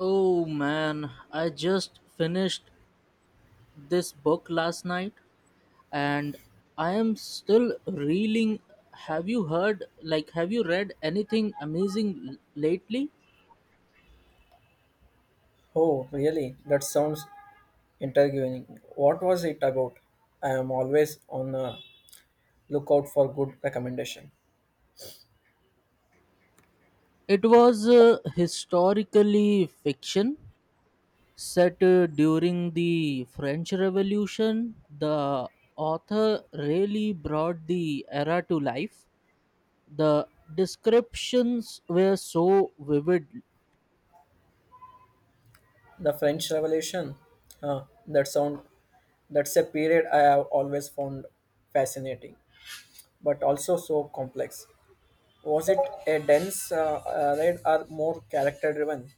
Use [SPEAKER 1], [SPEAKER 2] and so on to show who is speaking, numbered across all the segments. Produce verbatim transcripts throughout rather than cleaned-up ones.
[SPEAKER 1] Oh man, I just finished this book last night and I am still reeling. Have you heard, like, have you read anything amazing l- lately?
[SPEAKER 2] Oh, really? That sounds intriguing. What was it about? I am always on the lookout for good recommendation.
[SPEAKER 1] It was uh, historically fiction set uh, during the French Revolution. The author really brought the era to life. The descriptions were so vivid.
[SPEAKER 2] The French Revolution. Huh, that sound that's a period I have always found fascinating, but also so complex. Was it a dense uh, uh, read or more character-driven?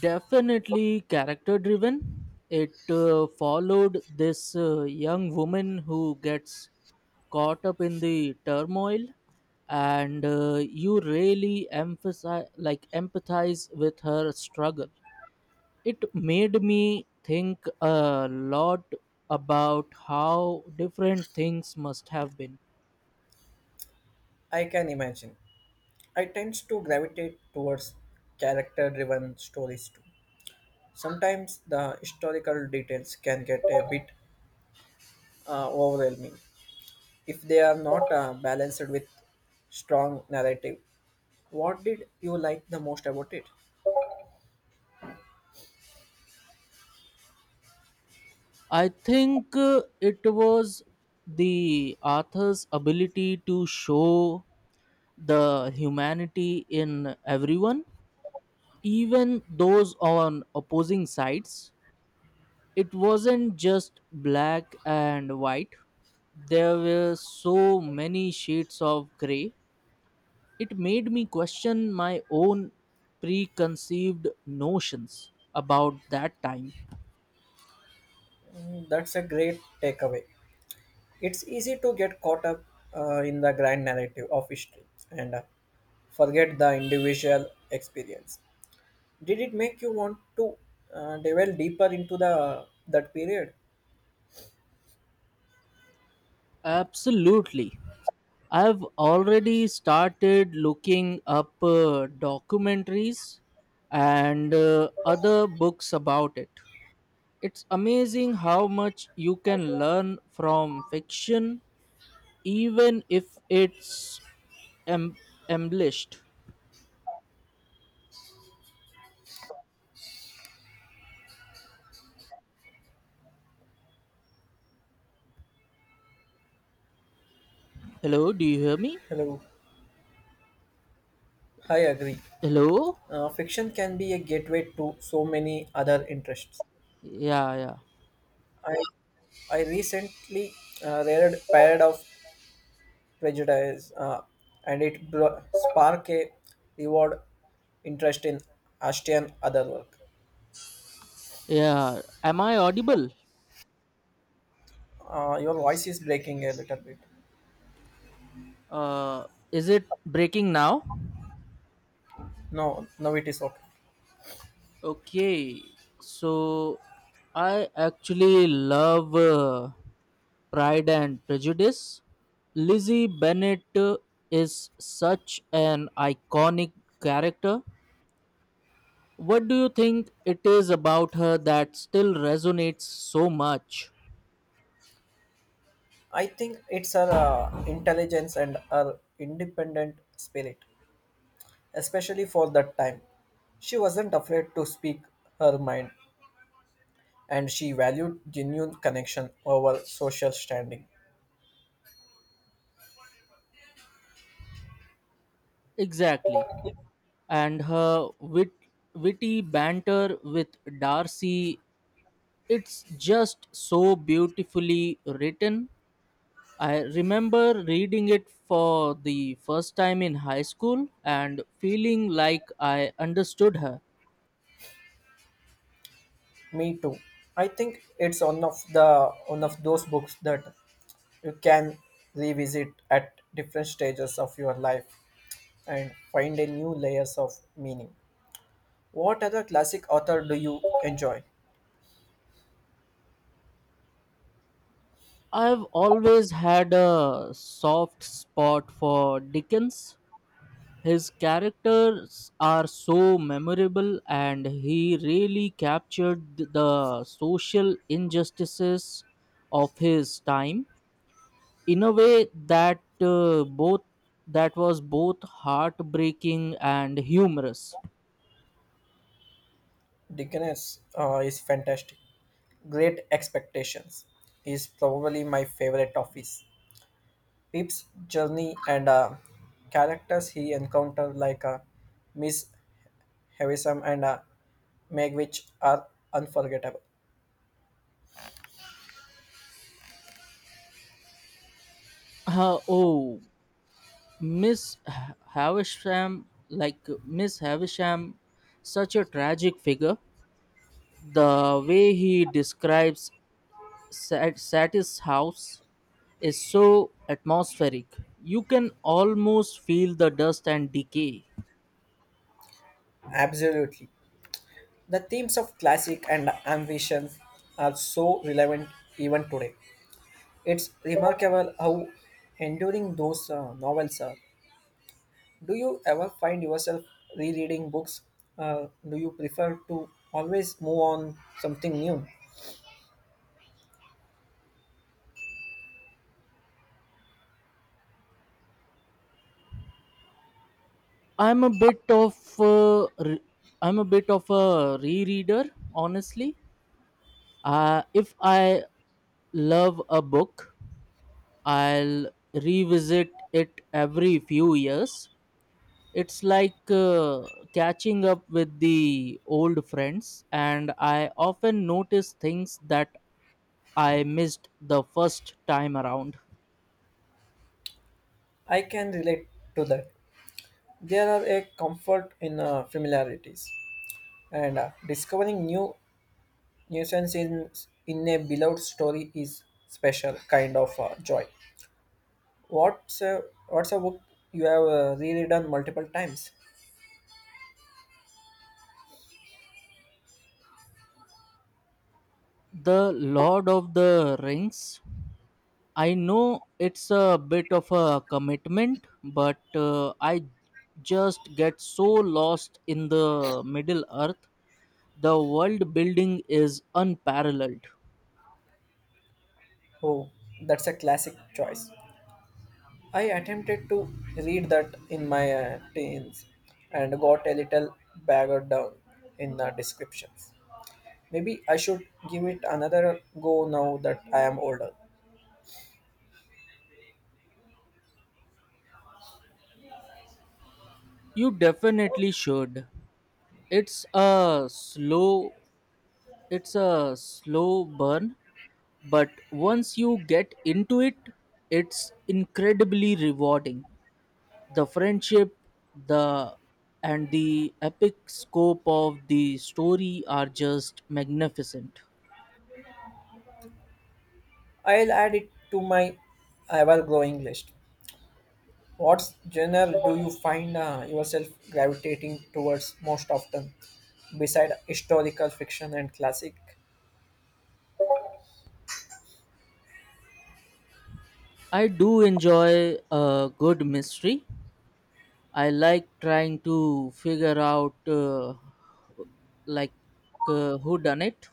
[SPEAKER 1] Definitely character driven. It uh, followed this uh, young woman who gets caught up in the turmoil, and uh, you really emphasize like empathize with her struggle. It made me think a lot about how different things must have been.
[SPEAKER 2] I can imagine. I tend to gravitate towards character-driven stories too. Sometimes the historical details can get a bit uh, overwhelming if they are not uh, balanced with strong narrative. What did you like the most about it?
[SPEAKER 1] I think uh, it was the author's ability to show the humanity in everyone, even those on opposing sides. It wasn't just black and white, there were so many shades of grey. It made me question my own preconceived notions about that time.
[SPEAKER 2] Mm, that's a great takeaway. It's easy to get caught up uh, in the grand narrative of history and uh, forget the individual experience. Did it make you want to uh, delve deeper into the that period?
[SPEAKER 1] Absolutely. I've already started looking up uh, documentaries and uh, other books about it. It's amazing how much you can learn from fiction, even if it's em- embellished. Hello, do you hear me?
[SPEAKER 2] Hello. I agree.
[SPEAKER 1] Hello?
[SPEAKER 2] Uh, fiction can be a gateway to so many other interests.
[SPEAKER 1] Yeah, yeah,
[SPEAKER 2] I I recently uh, read Pride of Prejudice, uh, and it bro- sparked a reward interest in Ashtian other work.
[SPEAKER 1] yeah, am I audible?
[SPEAKER 2] Uh, your voice is breaking a little bit.
[SPEAKER 1] Uh, is it breaking now?
[SPEAKER 2] No, no, it is okay.
[SPEAKER 1] Okay, so I actually love uh, pride and prejudice. Lizzie Bennet is such an iconic character. What do you think it is about her that still resonates so much?
[SPEAKER 2] I think it's her uh, intelligence and her independent spirit, especially for that time. She wasn't afraid to speak her mind, and she valued genuine connection over social standing.
[SPEAKER 1] Exactly. And her wit- witty banter with Darcy, it's just so beautifully written. I remember reading it for the first time in high school and feeling like I understood her.
[SPEAKER 2] Me too. I think it's one of the one of those books that you can revisit at different stages of your life and find a new layers of meaning. What other classic author do you enjoy?
[SPEAKER 1] I've always had a soft spot for Dickens. His characters are so memorable, and he really captured the social injustices of his time in a way that uh, both that was both heartbreaking and humorous.
[SPEAKER 2] Dickens uh, is fantastic. Great Expectations is probably my favorite of his. Pip's journey and uh, characters he encountered, like uh, Miss heroism, and uh, make which are unforgettable.
[SPEAKER 1] Uh, oh, Miss Ha- Havisham, like Miss Havisham, such a tragic figure. The way he describes Sat- Satis house is so atmospheric. You can almost feel the dust and decay.
[SPEAKER 2] Absolutely. The themes of classic and ambition are so relevant even today. It's remarkable how enduring those uh, novels are. Do you ever find yourself rereading books? Uh, do you prefer to always move on something new?
[SPEAKER 1] I'm a bit of a, re- I'm a bit of a rereader, honestly. Uh, if I love a book, I'll revisit it every few years. It's like uh, catching up with the old friends, and I often notice things that I missed the first time around.
[SPEAKER 2] I can relate to that. There are a comfort in uh, familiarities and uh, discovering new Nuisance in, in a beloved story is special kind of uh, joy. What's a, what's a book you have uh, reread multiple times?
[SPEAKER 1] The Lord of the Rings. I know it's a bit of a commitment, but uh, I just get so lost in the Middle Earth. The world building is unparalleled.
[SPEAKER 2] Oh, that's a classic choice. I attempted to read that in my uh, teens and got a little bogged down in the descriptions. Maybe I should give it another go now that I am older.
[SPEAKER 1] You definitely should. It's a slow it's a slow burn, but once you get into it, it's incredibly rewarding. The friendship the and the epic scope of the story are just magnificent.
[SPEAKER 2] I'll add it to my ever growing list. What genre do you find uh, yourself gravitating towards most often, beside historical fiction and classic?
[SPEAKER 1] I do enjoy a good mystery. I like trying to figure out uh, like uh, who done it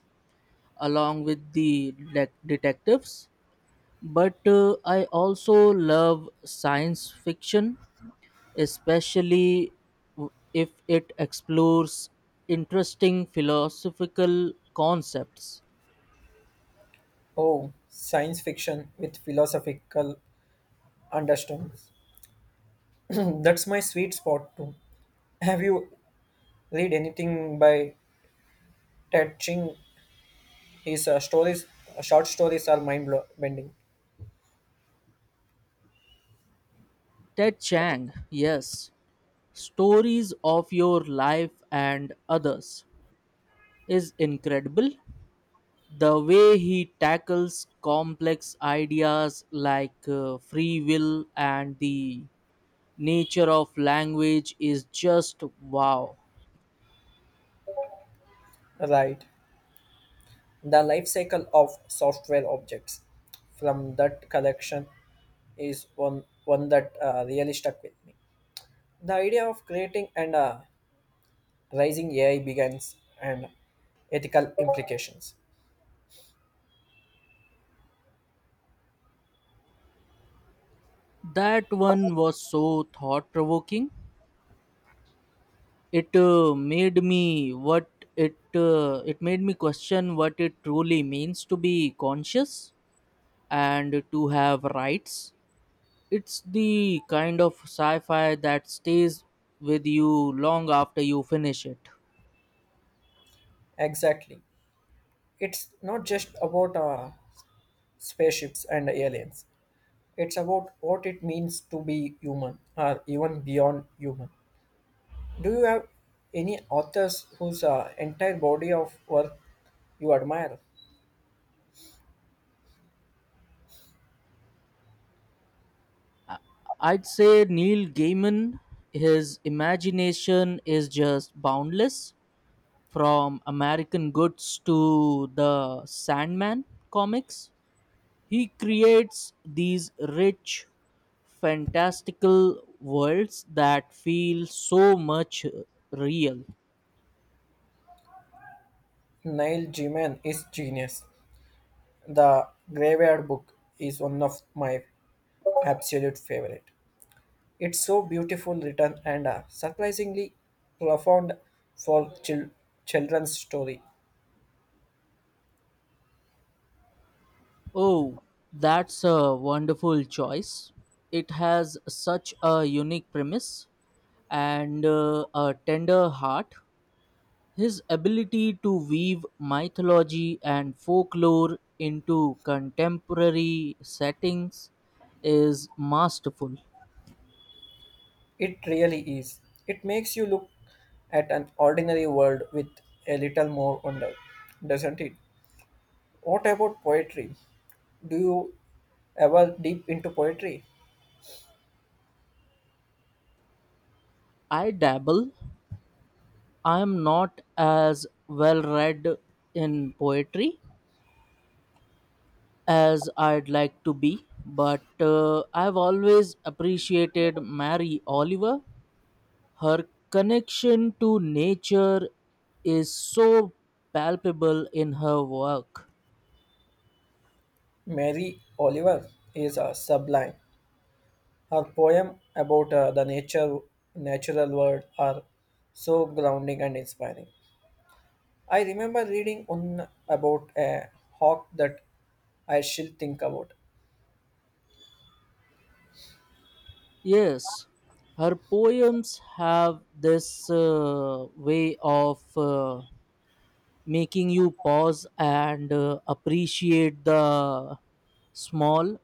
[SPEAKER 1] along with the de- detectives, but uh, I also love science fiction, especially w- if it explores interesting philosophical concepts.
[SPEAKER 2] Oh, science fiction with philosophical undertones. That's my sweet spot too. Have you read anything by Ted Ching? His uh, stories, uh, short stories, are mind-bending.
[SPEAKER 1] Ted Chiang, yes, Stories of Your Life and Others is incredible. The way he tackles complex ideas like uh, free will and the nature of language is just wow.
[SPEAKER 2] Right, the life cycle of software objects from that collection is one one that uh, really stuck with me. The idea of creating and uh, rising A I begins and ethical implications.
[SPEAKER 1] That one was so thought provoking. It uh, made me what it uh, it made me question what it truly means to be conscious and to have rights. It's the kind of sci-fi that stays with you long after you finish it.
[SPEAKER 2] Exactly. It's not just about uh, spaceships and aliens. It's about what it means to be human or even beyond human. Do you have any authors whose uh, entire body of work you admire?
[SPEAKER 1] I'd say Neil Gaiman, his imagination is just boundless, from American Goods to the Sandman comics. He creates these rich, fantastical worlds that feel so much real.
[SPEAKER 2] Neil Gaiman is genius. The Graveyard Book is one of my absolute favorite. It's so beautiful written and uh, surprisingly profound for chil- children's story.
[SPEAKER 1] Oh, that's a wonderful choice. It has such a unique premise and uh, a tender heart. His ability to weave mythology and folklore into contemporary settings is masterful.
[SPEAKER 2] It really is. It makes you look at an ordinary world with a little more wonder, doesn't it? What about poetry? Do you ever deep into poetry?
[SPEAKER 1] I dabble, I am not as well read in poetry as I'd like to be, but uh, I've always appreciated Mary Oliver. Her connection to nature is so palpable in her work.
[SPEAKER 2] Mary Oliver is uh, sublime. Her poem about uh, the nature, natural world are so grounding and inspiring. I remember reading on about a hawk that I shall think about.
[SPEAKER 1] Yes, her poems have this uh, way of. Uh, making you pause and uh, appreciate the small,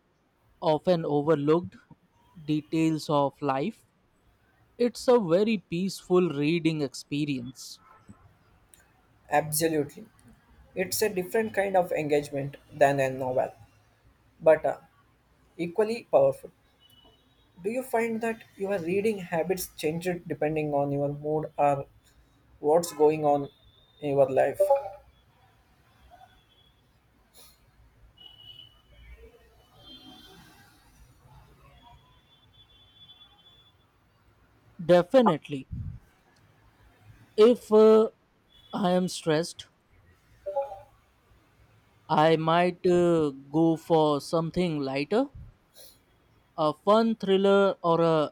[SPEAKER 1] often overlooked details of life. It's a very peaceful reading experience.
[SPEAKER 2] Absolutely. It's a different kind of engagement than a novel, but uh, equally powerful. Do you find that your reading habits change depending on your mood or what's going on in your life?
[SPEAKER 1] Definitely. If uh, I am stressed, I might uh, go for something lighter, a fun thriller, or a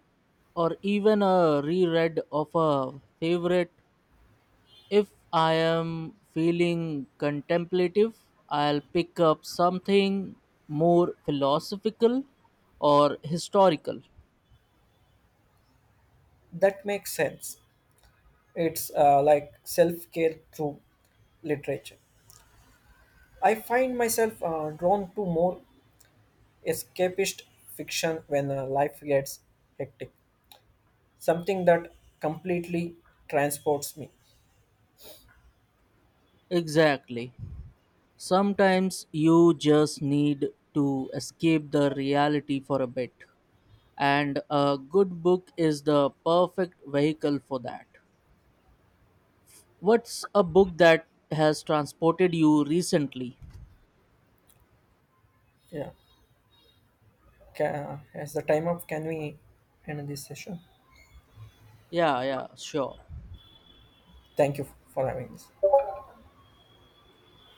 [SPEAKER 1] or even a reread of a favorite. If I am feeling contemplative, I'll pick up something more philosophical or historical.
[SPEAKER 2] That makes sense. It's uh, like self care through literature. I find myself uh, drawn to more escapist fiction when uh, life gets hectic. Something that completely transports me.
[SPEAKER 1] Exactly. Sometimes you just need to escape the reality for a bit, and a good book is the perfect vehicle for that. What's a book that has transported you recently?
[SPEAKER 2] Yeah. Ca as the time up, can we end this session?
[SPEAKER 1] Yeah, yeah, sure.
[SPEAKER 2] Thank you for having this.